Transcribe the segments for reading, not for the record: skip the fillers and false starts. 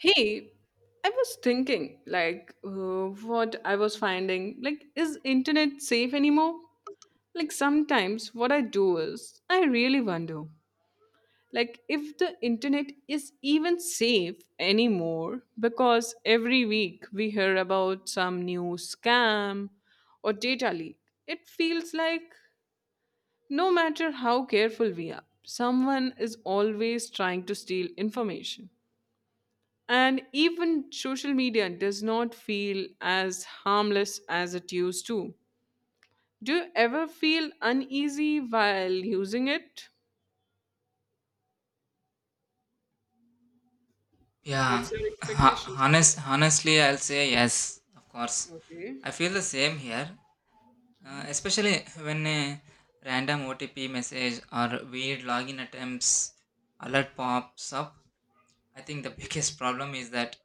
Hey, I was thinking, what I was finding, is internet safe anymore? Like, sometimes what I do is, I really wonder, like, if the internet is even safe anymore, because every week we hear about some new scam or data leak. It feels like no matter how careful we are, someone is always trying to steal information. And even social media does not feel as harmless as it used to. Do you ever feel uneasy while using it? What's Yeah, your expectations for honestly, I'll say yes, of that? course. Okay. I feel the same here. Especially when a random OTP message or weird login attempts alert pops up, I think the biggest problem is that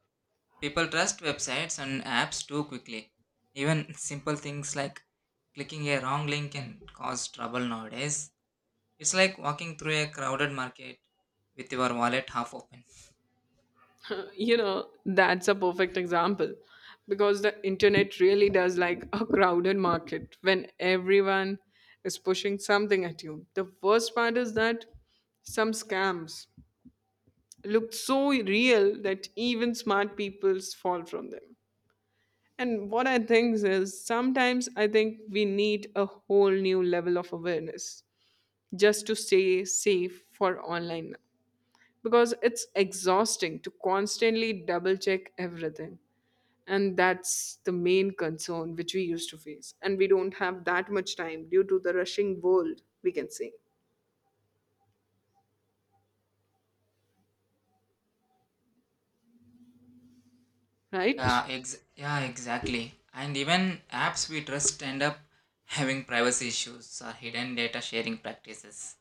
people trust websites and apps too quickly. Even simple things like clicking a wrong link can cause trouble nowadays. It's like walking through a crowded market with your wallet half open. That's a perfect example because the internet really does like a crowded market when everyone is pushing something at you. The worst part is that some scams look so real that even smart people fall from them. And what I think is sometimes I think we need a whole new level of awareness just to stay safe for online now. Because it's exhausting to constantly double check everything. And that's the main concern which we used to face. And we don't have that much time due to the rushing world, we can say. Right? Yeah, exactly. And even apps we trust end up having privacy issues or hidden data sharing practices.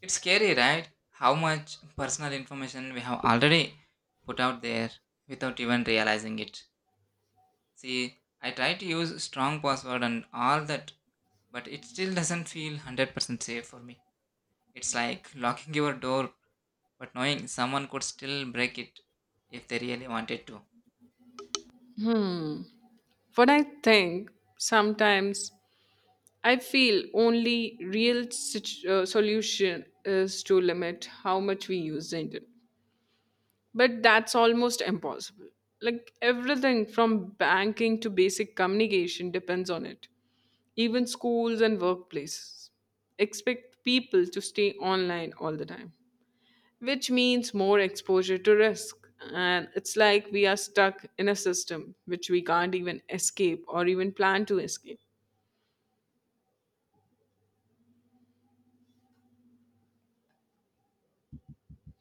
It's scary, right? How much personal information we have already put out there without even realizing it. See, I try to use strong password and all that, but it still doesn't feel 100% safe for me. It's like locking your door but knowing someone could still break it if they really wanted to. Hmm. What I think sometimes I feel only real solution is to limit how much we use the internet. But that's almost impossible. Like everything from banking to basic communication depends on it. Even schools and workplaces expect people to stay online all the time, which means more exposure to risk. And it's like we are stuck in a system which we can't even escape or even plan to escape,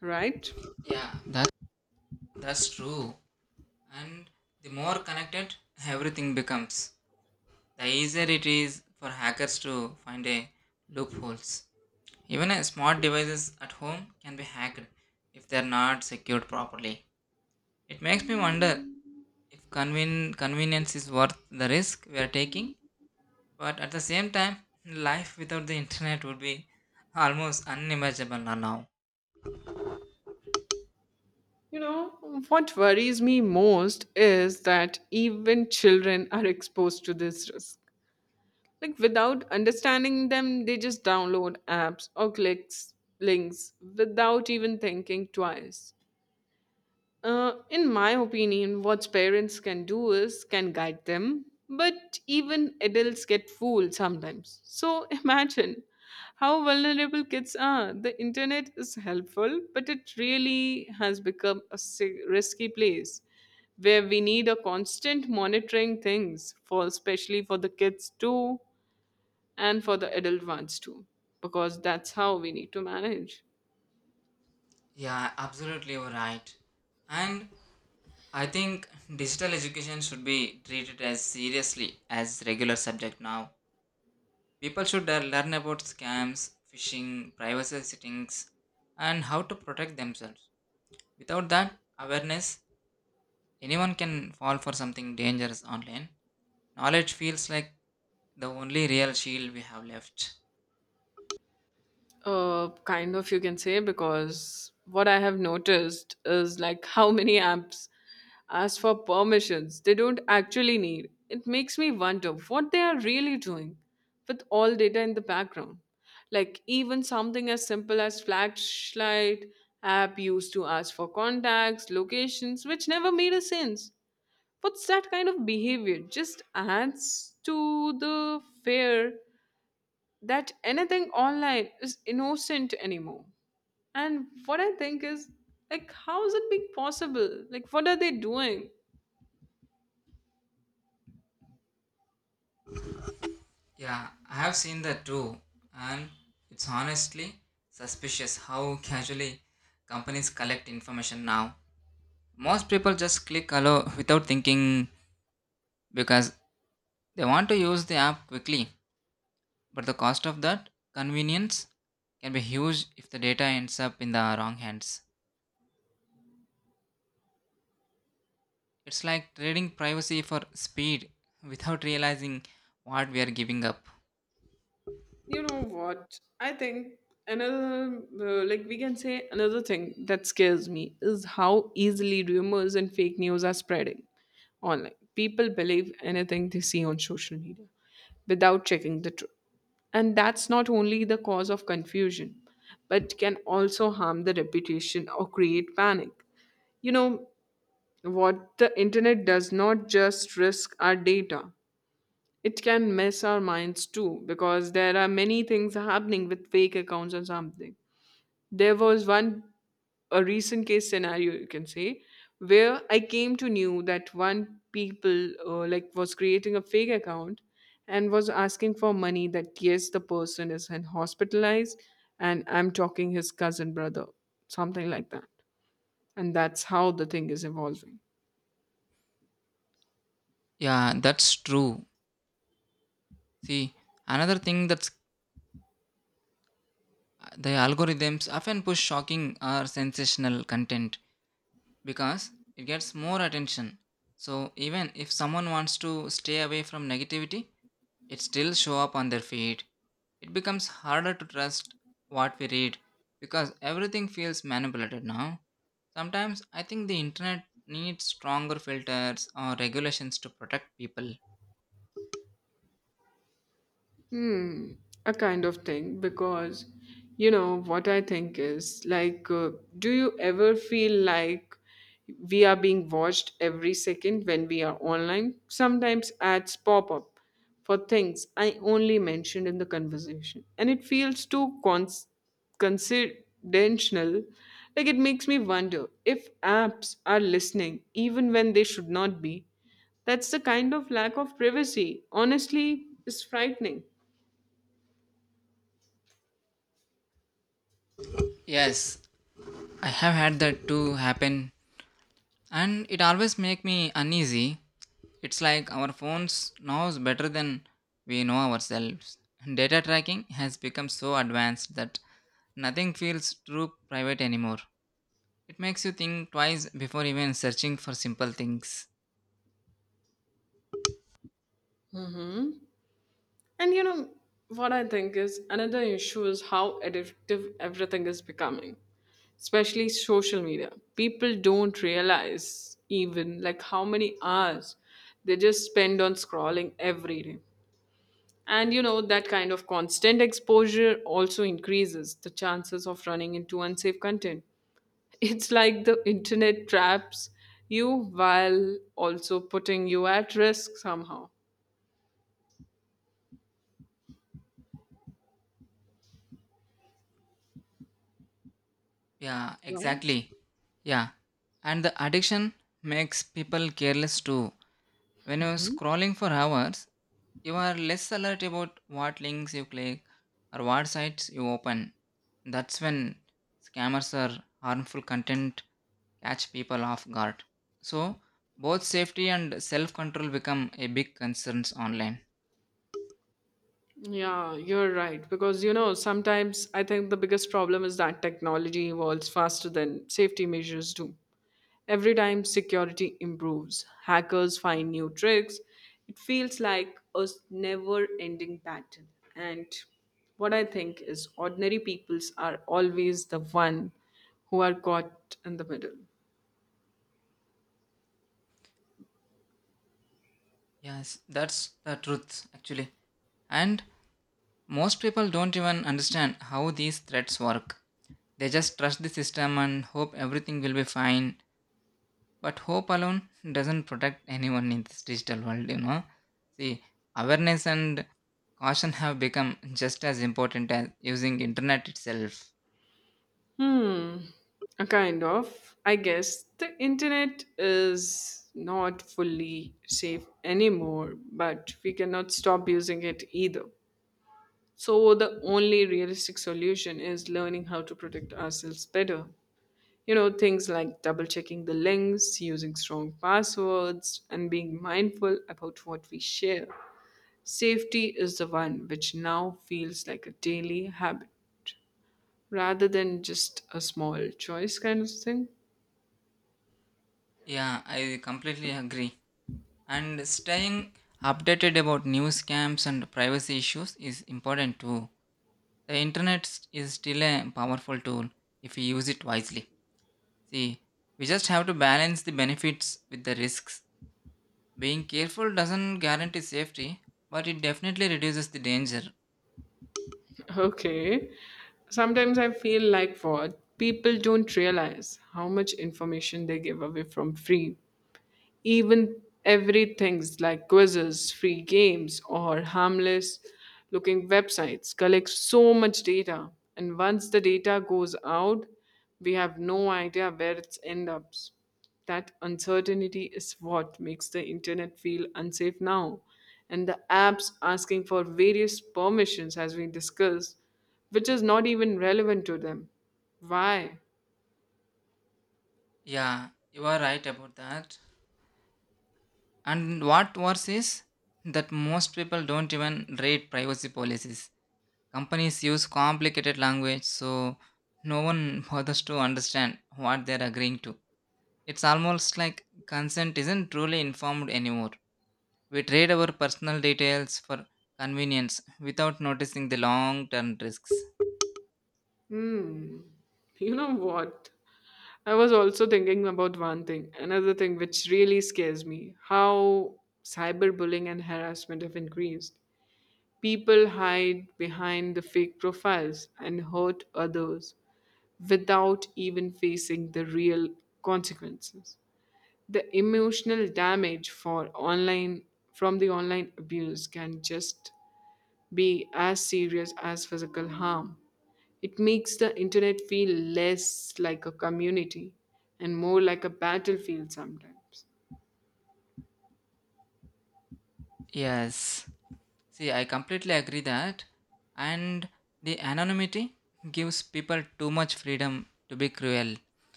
right? Yeah, that's true. And the more connected everything becomes, the easier it is for hackers to find a loopholes. Even smart devices at home can be hacked if they are not secured properly. It makes me wonder if convenience is worth the risk we are taking, but at the same time, life without the internet would be almost unimaginable now. You know, what worries me most is that even children are exposed to this risk. Like, without understanding them, they just download apps or clicks links without even thinking twice. In my opinion, what parents can do is can guide them, but even adults get fooled sometimes. So imagine how vulnerable kids are. The internet is helpful, but it really has become a si- risky place where we need a constant monitoring things for especially for the kids too and for the adult ones too because that's how we need to manage. Yeah, absolutely you're right. And I think digital education should be treated as seriously as regular subject now. People should learn about scams, phishing, privacy settings, and how to protect themselves. Without that awareness, anyone can fall for something dangerous online. Knowledge feels like the only real shield we have left. Kind of, you can say, because what I have noticed is like how many apps ask for permissions they don't actually need. It makes me wonder what they are really doing with all data in the background. Like, even something as simple as flashlight app used to ask for contacts, locations, which never made a sense. What's that kind of behavior? Just adds to the fear that anything online is innocent anymore. And what I think is, like, how is it being possible? Like, what are they doing? Yeah, I have seen that too, and it's honestly suspicious how casually companies collect information now. Most people just click allow without thinking because they want to use the app quickly, but the cost of that convenience can be huge if the data ends up in the wrong hands. It's like trading privacy for speed without realizing what we are giving up. You know what? I think like, we can say another thing that scares me is how easily rumors and fake news are spreading online. People believe anything they see on social media without checking the truth. And that's not only the cause of confusion, but can also harm the reputation or create panic. You know what the internet does not just risk our data. It can mess our minds too because there are many things happening with fake accounts or something. There was one a recent case scenario you can say where I came to knew that one people was creating a fake account and was asking for money that yes the person is in hospitalized and I'm talking his cousin brother something like that and that's how the thing is evolving. Yeah, that's true. See, another thing that's the algorithms often push shocking or sensational content because it gets more attention. So, even if someone wants to stay away from negativity, it still show up on their feed. It becomes harder to trust what we read because everything feels manipulated now. Sometimes I think the internet needs stronger filters or regulations to protect people. Hmm, a kind of thing because you know what I think is do you ever feel like we are being watched every second when we are online? Sometimes ads pop up for things I only mentioned in the conversation, and it feels too cons- coincidental. Like, it makes me wonder if apps are listening even when they should not be. That's the kind of lack of privacy, honestly, is frightening. Yes, I have had that too happen and it always make me uneasy. It's like our phones knows better than we know ourselves. Data tracking has become so advanced that nothing feels true private anymore. It makes you think twice before even searching for simple things. Hmm. And you know what I think is another issue is how addictive everything is becoming, especially social media. People don't realize even like how many hours they just spend on scrolling every day. And you know that kind of constant exposure also increases the chances of running into unsafe content. It's like the internet traps you while also putting you at risk somehow, Yeah, right? exactly. Yeah. And the addiction makes people careless too. When you're scrolling for hours, you are less alert about what links you click or what sites you open. That's when scammers or harmful content catch people off guard. So, both safety and self control become a big concerns online. Yeah, you're right. Because, you know, sometimes I think the biggest problem is that technology evolves faster than safety measures do. Every time security improves, hackers find new tricks. It feels like a never ending pattern. And what I think is ordinary peoples are always the one who are caught in the middle. Yes, that's the truth actually. And most people don't even understand how these threats work. They just trust the system and hope everything will be fine. But hope alone doesn't protect anyone in this digital world, you know. See, awareness and caution have become just as important as using internet itself. Hmm, a kind of. I guess the internet is not fully safe anymore, but we cannot stop using it either. So, the only realistic solution is learning how to protect ourselves better. You know, things like double checking the links, using strong passwords, and being mindful about what we share. Safety is the one which now feels like a daily habit rather than just a small choice kind of thing. Yeah, I completely agree. And staying updated about news scams and privacy issues is important too. The internet is still a powerful tool if you use it wisely. See, we just have to balance the benefits with the risks. Being careful doesn't guarantee safety, but it definitely reduces the danger. Okay. Sometimes I feel like what people don't realize how much information they give away from free. Even everything's like quizzes, free games, or harmless looking websites collect so much data. And once the data goes out, we have no idea where it ends up. That uncertainty is what makes the internet feel unsafe now. And the apps asking for various permissions, as we discussed, which is not even relevant to them. Why? Yeah, you are right about that. And what worse is that most people don't even read privacy policies. Companies use complicated language, so no one bothers to understand what they're agreeing to. It's almost like consent isn't truly informed anymore. We trade our personal details for convenience without noticing the long term risks. Hmm. You know what? I was also thinking about one thing, another thing which really scares me how cyberbullying and harassment have increased. People hide behind the fake profiles and hurt others without even facing the real consequences. The emotional damage for online from the online abuse can just be as serious as physical harm. It makes the internet feel less like a community and more like a battlefield sometimes. Yes. See, I completely agree that. And the anonymity gives people too much freedom to be cruel.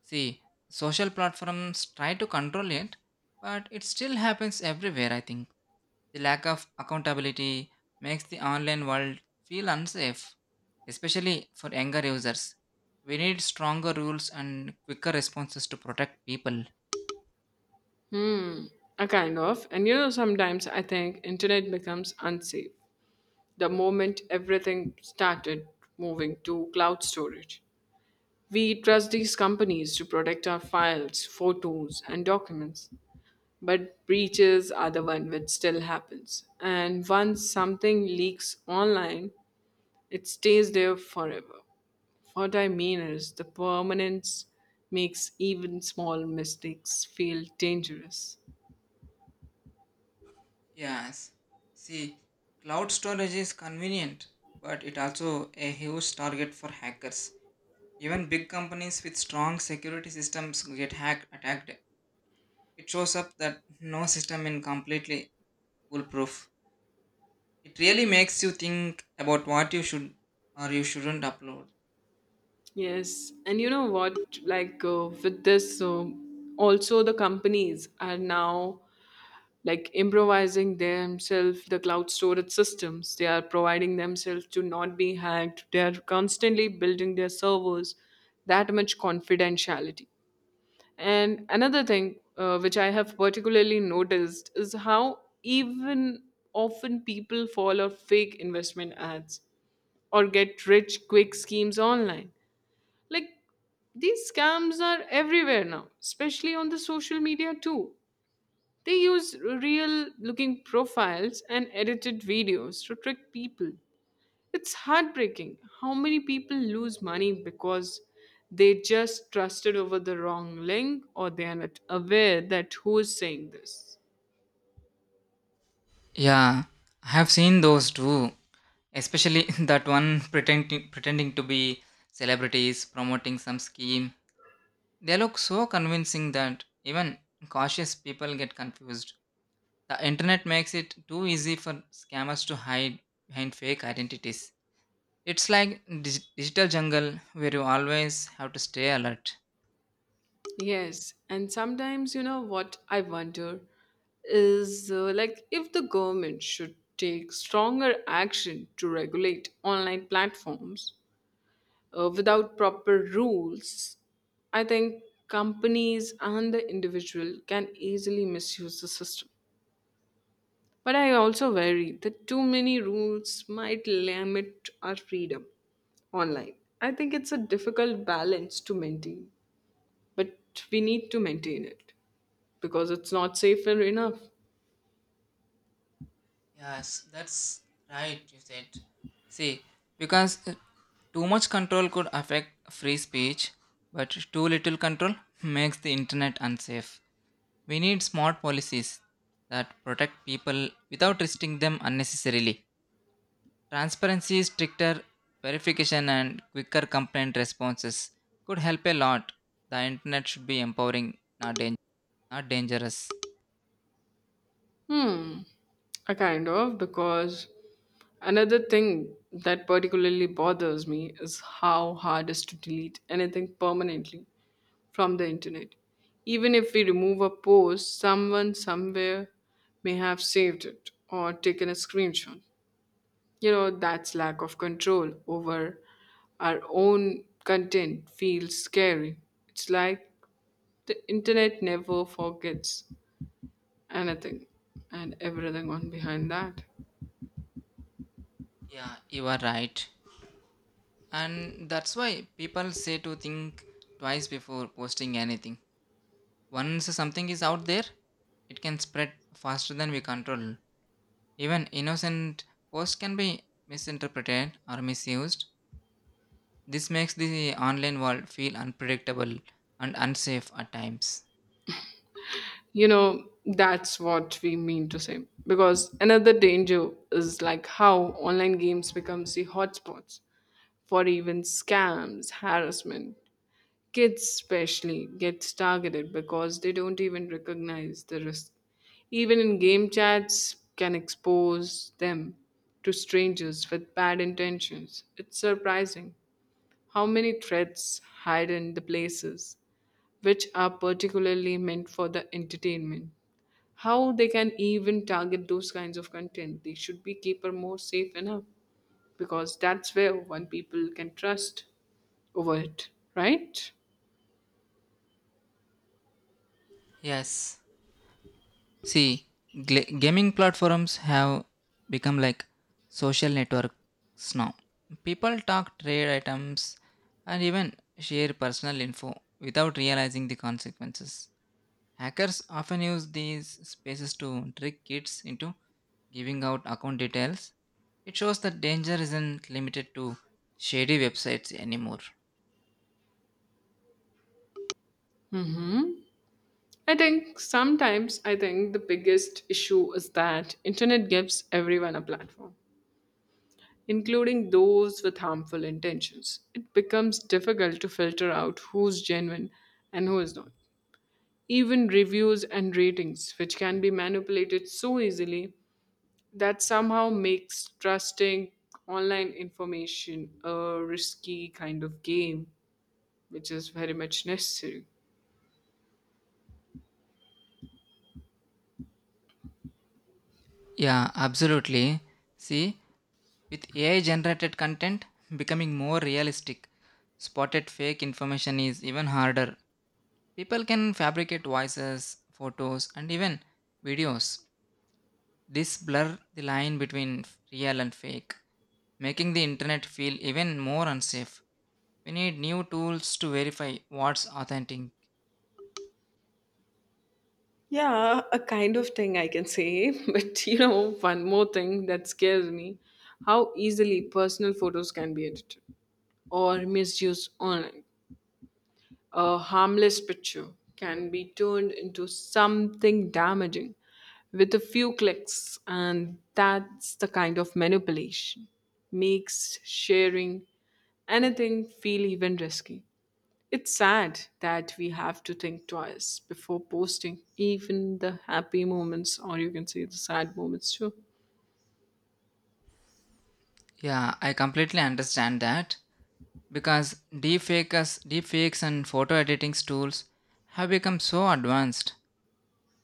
See, social platforms try to control it, but it still happens everywhere, I think. The lack of accountability makes the online world feel unsafe, especially for younger users. We need stronger rules and quicker responses to protect people. Hmm, a kind of. And you know, sometimes I think internet becomes unsafe the moment everything started moving to cloud storage. We trust these companies to protect our files, photos, and documents. But breaches are the one which still happens. And once something leaks online, it stays there forever. What I mean is, the permanence makes even small mistakes feel dangerous. Yes. See, cloud storage is convenient, but it also a huge target for hackers. Even big companies with strong security systems get hacked attacked. It shows up that no system is completely foolproof. It really makes you think about what you should or you shouldn't upload. Yes, and you know what? With this, so also the companies are now like improvising themselves the cloud storage systems. They are providing themselves to not be hacked. They are constantly building their servers. That much confidentiality. And another thing, which I have particularly noticed is how even often people follow fake investment ads or get rich quick schemes online. Like these scams are everywhere now, especially on the social media too. They use real looking profiles and edited videos to trick people. It's heartbreaking how many people lose money because they just trusted over the wrong link or they are not aware that who is saying this. Yeah, I have seen those too. Especially that one pretending to be celebrities promoting some scheme. They look so convincing that even cautious people get confused. The internet makes it too easy for scammers to hide behind fake identities. It's like digital jungle where you always have to stay alert. Yes, and sometimes you know what I wonder is if the government should take stronger action to regulate online platforms without proper rules, I think companies and the individual can easily misuse the system. But I also worry that too many rules might limit our freedom online. I think it's a difficult balance to maintain, but we need to maintain it because it's not safer enough. Yes, that's right, you said. See, because too much control could affect free speech, but too little control makes the internet unsafe. We need smart policies that protect people without restricting them unnecessarily. Transparency, stricter verification, and quicker complaint responses could help a lot. The internet should be empowering, not dangerous. Hmm, a kind of because another thing that particularly bothers me is how hard it is to delete anything permanently from the internet. Even if we remove a post, someone somewhere may have saved it or taken a screenshot. You know, that's lack of control over our own content feels scary. It's like the internet never forgets anything and everything on behind that. Yeah, you are right. And that's why people say to think twice before posting anything. Once something is out there, it can spread faster than we control. Even innocent posts can be misinterpreted or misused. This makes the online world feel unpredictable and unsafe at times. You know, that's what we mean to say. Because another danger is like how online games becomes the hotspots for even scams, harassment. Kids especially gets targeted because they don't even recognize the risk. Even in game chats can expose them to strangers with bad intentions. It's surprising how many threats hide in the places which are particularly meant for the entertainment, how they can even target those kinds of content they should be keeper more safe enough because that's where one people can trust over it, right? Yes. See, gaming platforms have become like social networks now. People talk trade items and even share personal info without realizing the consequences. Hackers often use these spaces to trick kids into giving out account details. It shows that danger isn't limited to shady websites anymore. Mm-hmm. I think sometimes I think the biggest issue is that internet gives everyone a platform including those with harmful intentions. It becomes difficult to filter out who's genuine and who is not, even reviews and ratings, which can be manipulated so easily that somehow makes trusting online information a risky kind of game, which is very much necessary. Yeah, absolutely. See, with AI generated content becoming more realistic, spotted fake information is even harder. People can fabricate voices, photos, and even videos. This blur the line between real and fake, making the internet feel even more unsafe. We need new tools to verify what's authentic. Yeah, a kind of thing I can say. One more thing that scares me: how easily personal photos can be edited or misused online. A harmless picture can be turned into something damaging with a few clicks, and that's the kind of manipulation. Makes sharing anything feel even risky. It's sad that we have to think twice before posting even the happy moments, or you can say the sad moments too. Yeah, I completely understand that because deepfakes and photo editing tools have become so advanced.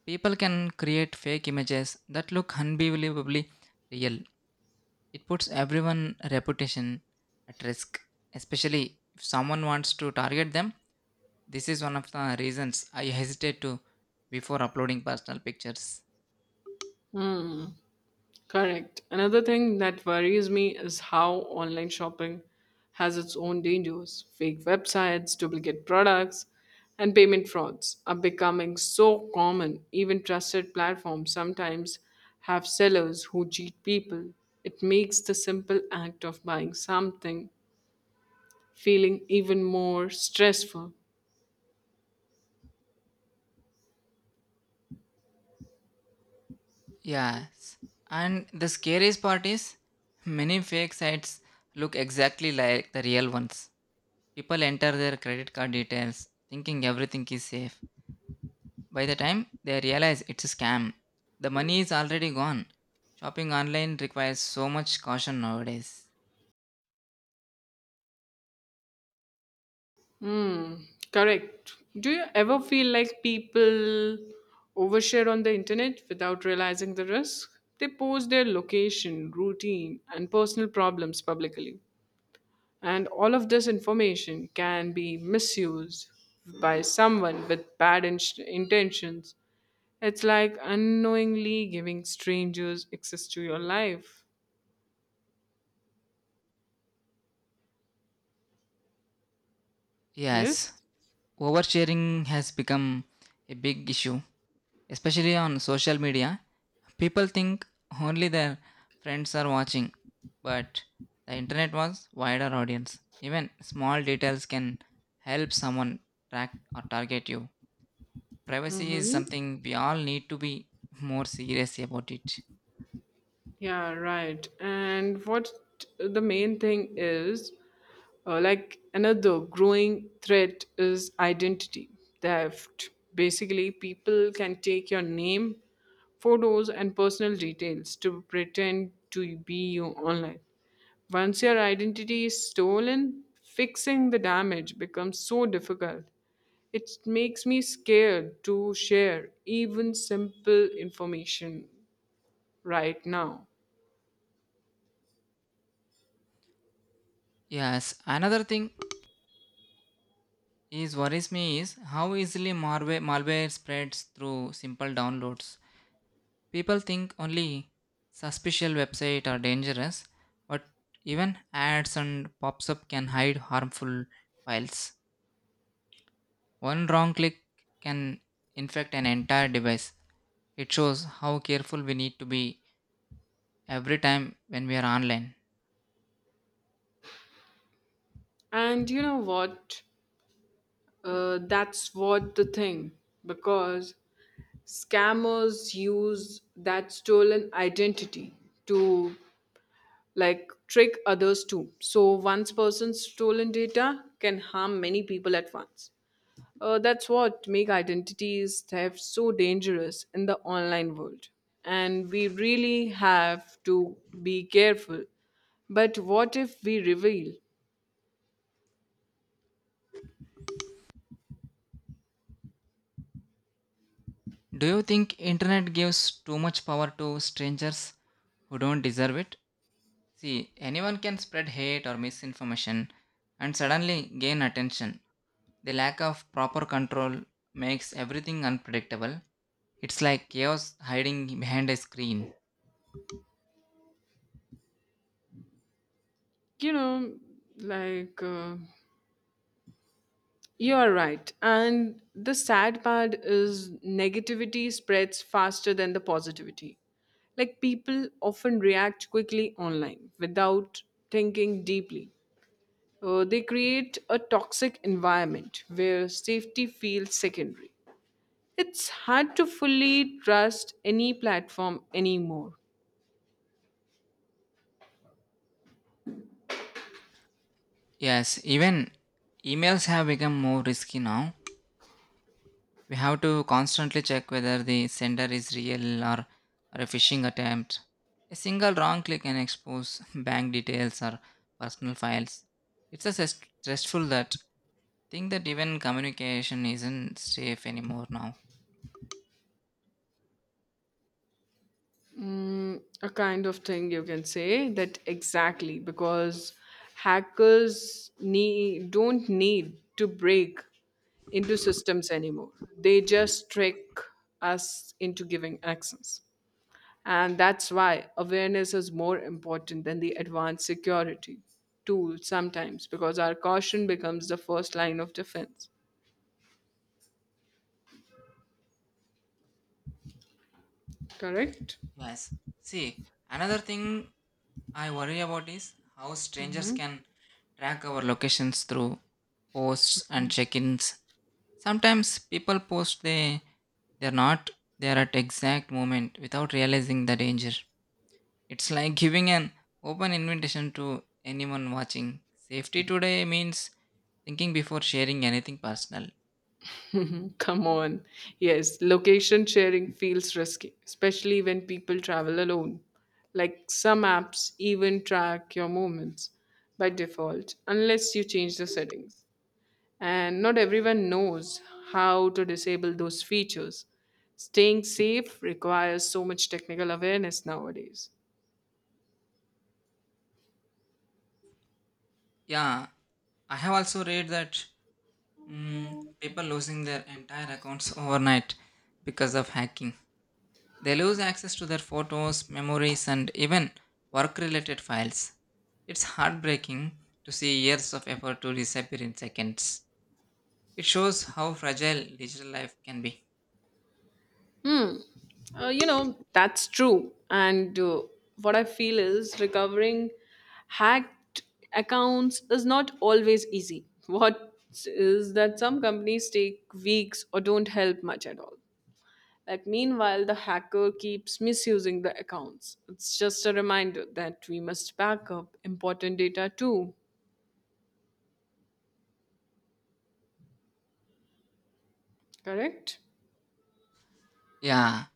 People can create fake images that look unbelievably real. It puts everyone's reputation at risk, especially if someone wants to target them. This is one of the reasons I hesitate to before uploading personal pictures. Correct. Another thing that worries me is how online shopping has its own dangers. Fake websites, duplicate products, and payment frauds are becoming so common. Even trusted platforms sometimes have sellers who cheat people. It makes the simple act of buying something feeling even more stressful. Yes. And the scariest part is many fake sites look exactly like the real ones. People enter their credit card details thinking everything is safe. By the time they realize it's a scam, the money is already gone. Shopping online requires so much caution nowadays. Correct. Do you ever feel like people overshare on the internet without realizing the risk? They post their location, routine, and personal problems publicly. And all of this information can be misused by someone with bad intentions. It's like unknowingly giving strangers access to your life. Yes? Yes, oversharing has become a big issue, especially on social media. People think only their friends are watching, but the internet was wider audience. Even small details can help someone track or target you. Privacy is Mm-hmm. something we all need to be more serious about it. Yeah, right. And what the main thing is. Like, another growing threat is identity theft. Basically, people can take your name, photos, and personal details to pretend to be you online. Once your identity is stolen, fixing the damage becomes so difficult. It makes me scared to share even simple information right now. Yes, another thing is worries me is how easily malware spreads through simple downloads. People think only suspicious website are dangerous, but even ads and pops-up can hide harmful files. One wrong click can infect an entire device. It shows how careful we need to be every time when we are online. And you know what? That's what the thing, because scammers use that stolen identity to, like, trick others too. So once person's stolen data can harm many people at once. That's what make identities theft so dangerous in the online world. And we really have to be careful. But what if we reveal? Do you think internet gives too much power to strangers who don't deserve it? See, anyone can spread hate or misinformation and suddenly gain attention. The lack of proper control makes everything unpredictable. It's like chaos hiding behind a screen. You know, like uh, You are right. And the sad part is negativity spreads faster than the positivity. Like, people often react quickly online without thinking deeply. They create a toxic environment where safety feels secondary. It's hard to fully trust any platform anymore. Yes, even emails have become more risky now. We have to constantly check whether the sender is real or a phishing attempt. A single wrong click can expose bank details or personal files. It's a stressful that think that even communication isn't safe anymore now. A kind of thing you can say that, exactly, because hackers don't need to break into systems anymore. They just trick us into giving access. And that's why awareness is more important than the advanced security tool sometimes, because our caution becomes the first line of defense. Correct? Yes. See, another thing I worry about is how strangers can track our locations through posts and check-ins. Sometimes people post they're not there at exact moment without realizing the danger. It's like giving an open invitation to anyone watching. Safety today means thinking before sharing anything personal. Come on. Yes, location sharing feels risky, especially when people travel alone. Like, some apps even track your movements by default, unless you change the settings. And not everyone knows how to disable those features. Staying safe requires so much technical awareness nowadays. Yeah, I have also read that people losing their entire accounts overnight because of hacking. They lose access to their photos, memories, and even work related files. It's heartbreaking to see years of effort to disappear in seconds. It shows how fragile digital life can be. Hmm. You know, that's true. And what I feel is recovering hacked accounts is not always easy. What is that, some companies take weeks or don't help much at all. Like, meanwhile, the hacker keeps misusing the accounts. It's just a reminder that we must back up important data too, correct? Yeah,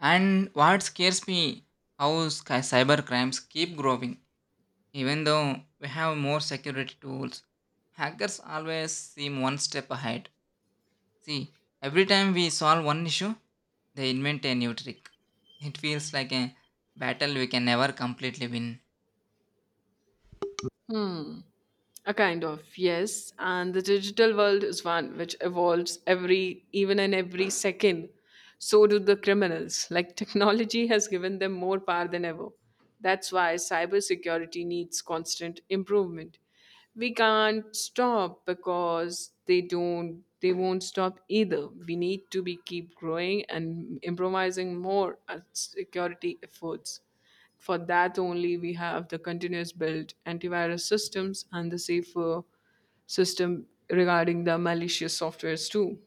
and what scares me how cyber crimes keep growing, even though we have more security tools. Hackers always seem one step ahead. See, every time we solve one issue, they invent a new trick. It feels like a battle we can never completely win. Hmm. A kind of, yes. And the digital world is one which evolves every, even in every second. So do the criminals. Like, technology has given them more power than ever. That's why cybersecurity needs constant improvement. We can't stop because they won't stop either. We need to be keep growing and improvising more at security efforts. For that only, we have the continuous build antivirus systems and the safer system regarding the malicious softwares too.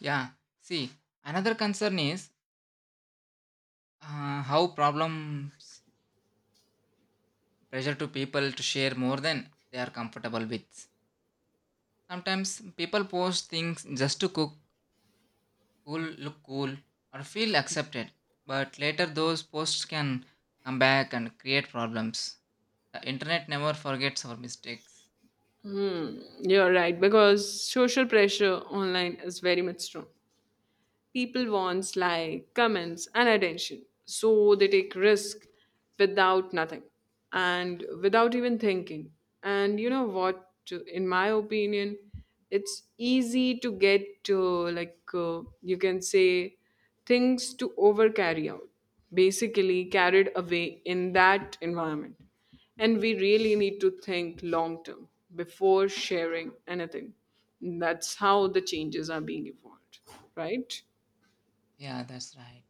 Yeah, see, another concern is how problems pressure to people to share more than they are comfortable with. Sometimes people post things just to cool, look cool, or feel accepted, but later those posts can come back and create problems. The internet never forgets our mistakes. You're right, because social pressure online is very much strong. People wants like comments and attention, so they take risk without nothing and without even thinking. And you know what? In my opinion, it's easy to get to, you can say, things to over carry out, basically carried away in that environment. And we really need to think long term before sharing anything. That's how the changes are being evolved, right? Yeah, that's right.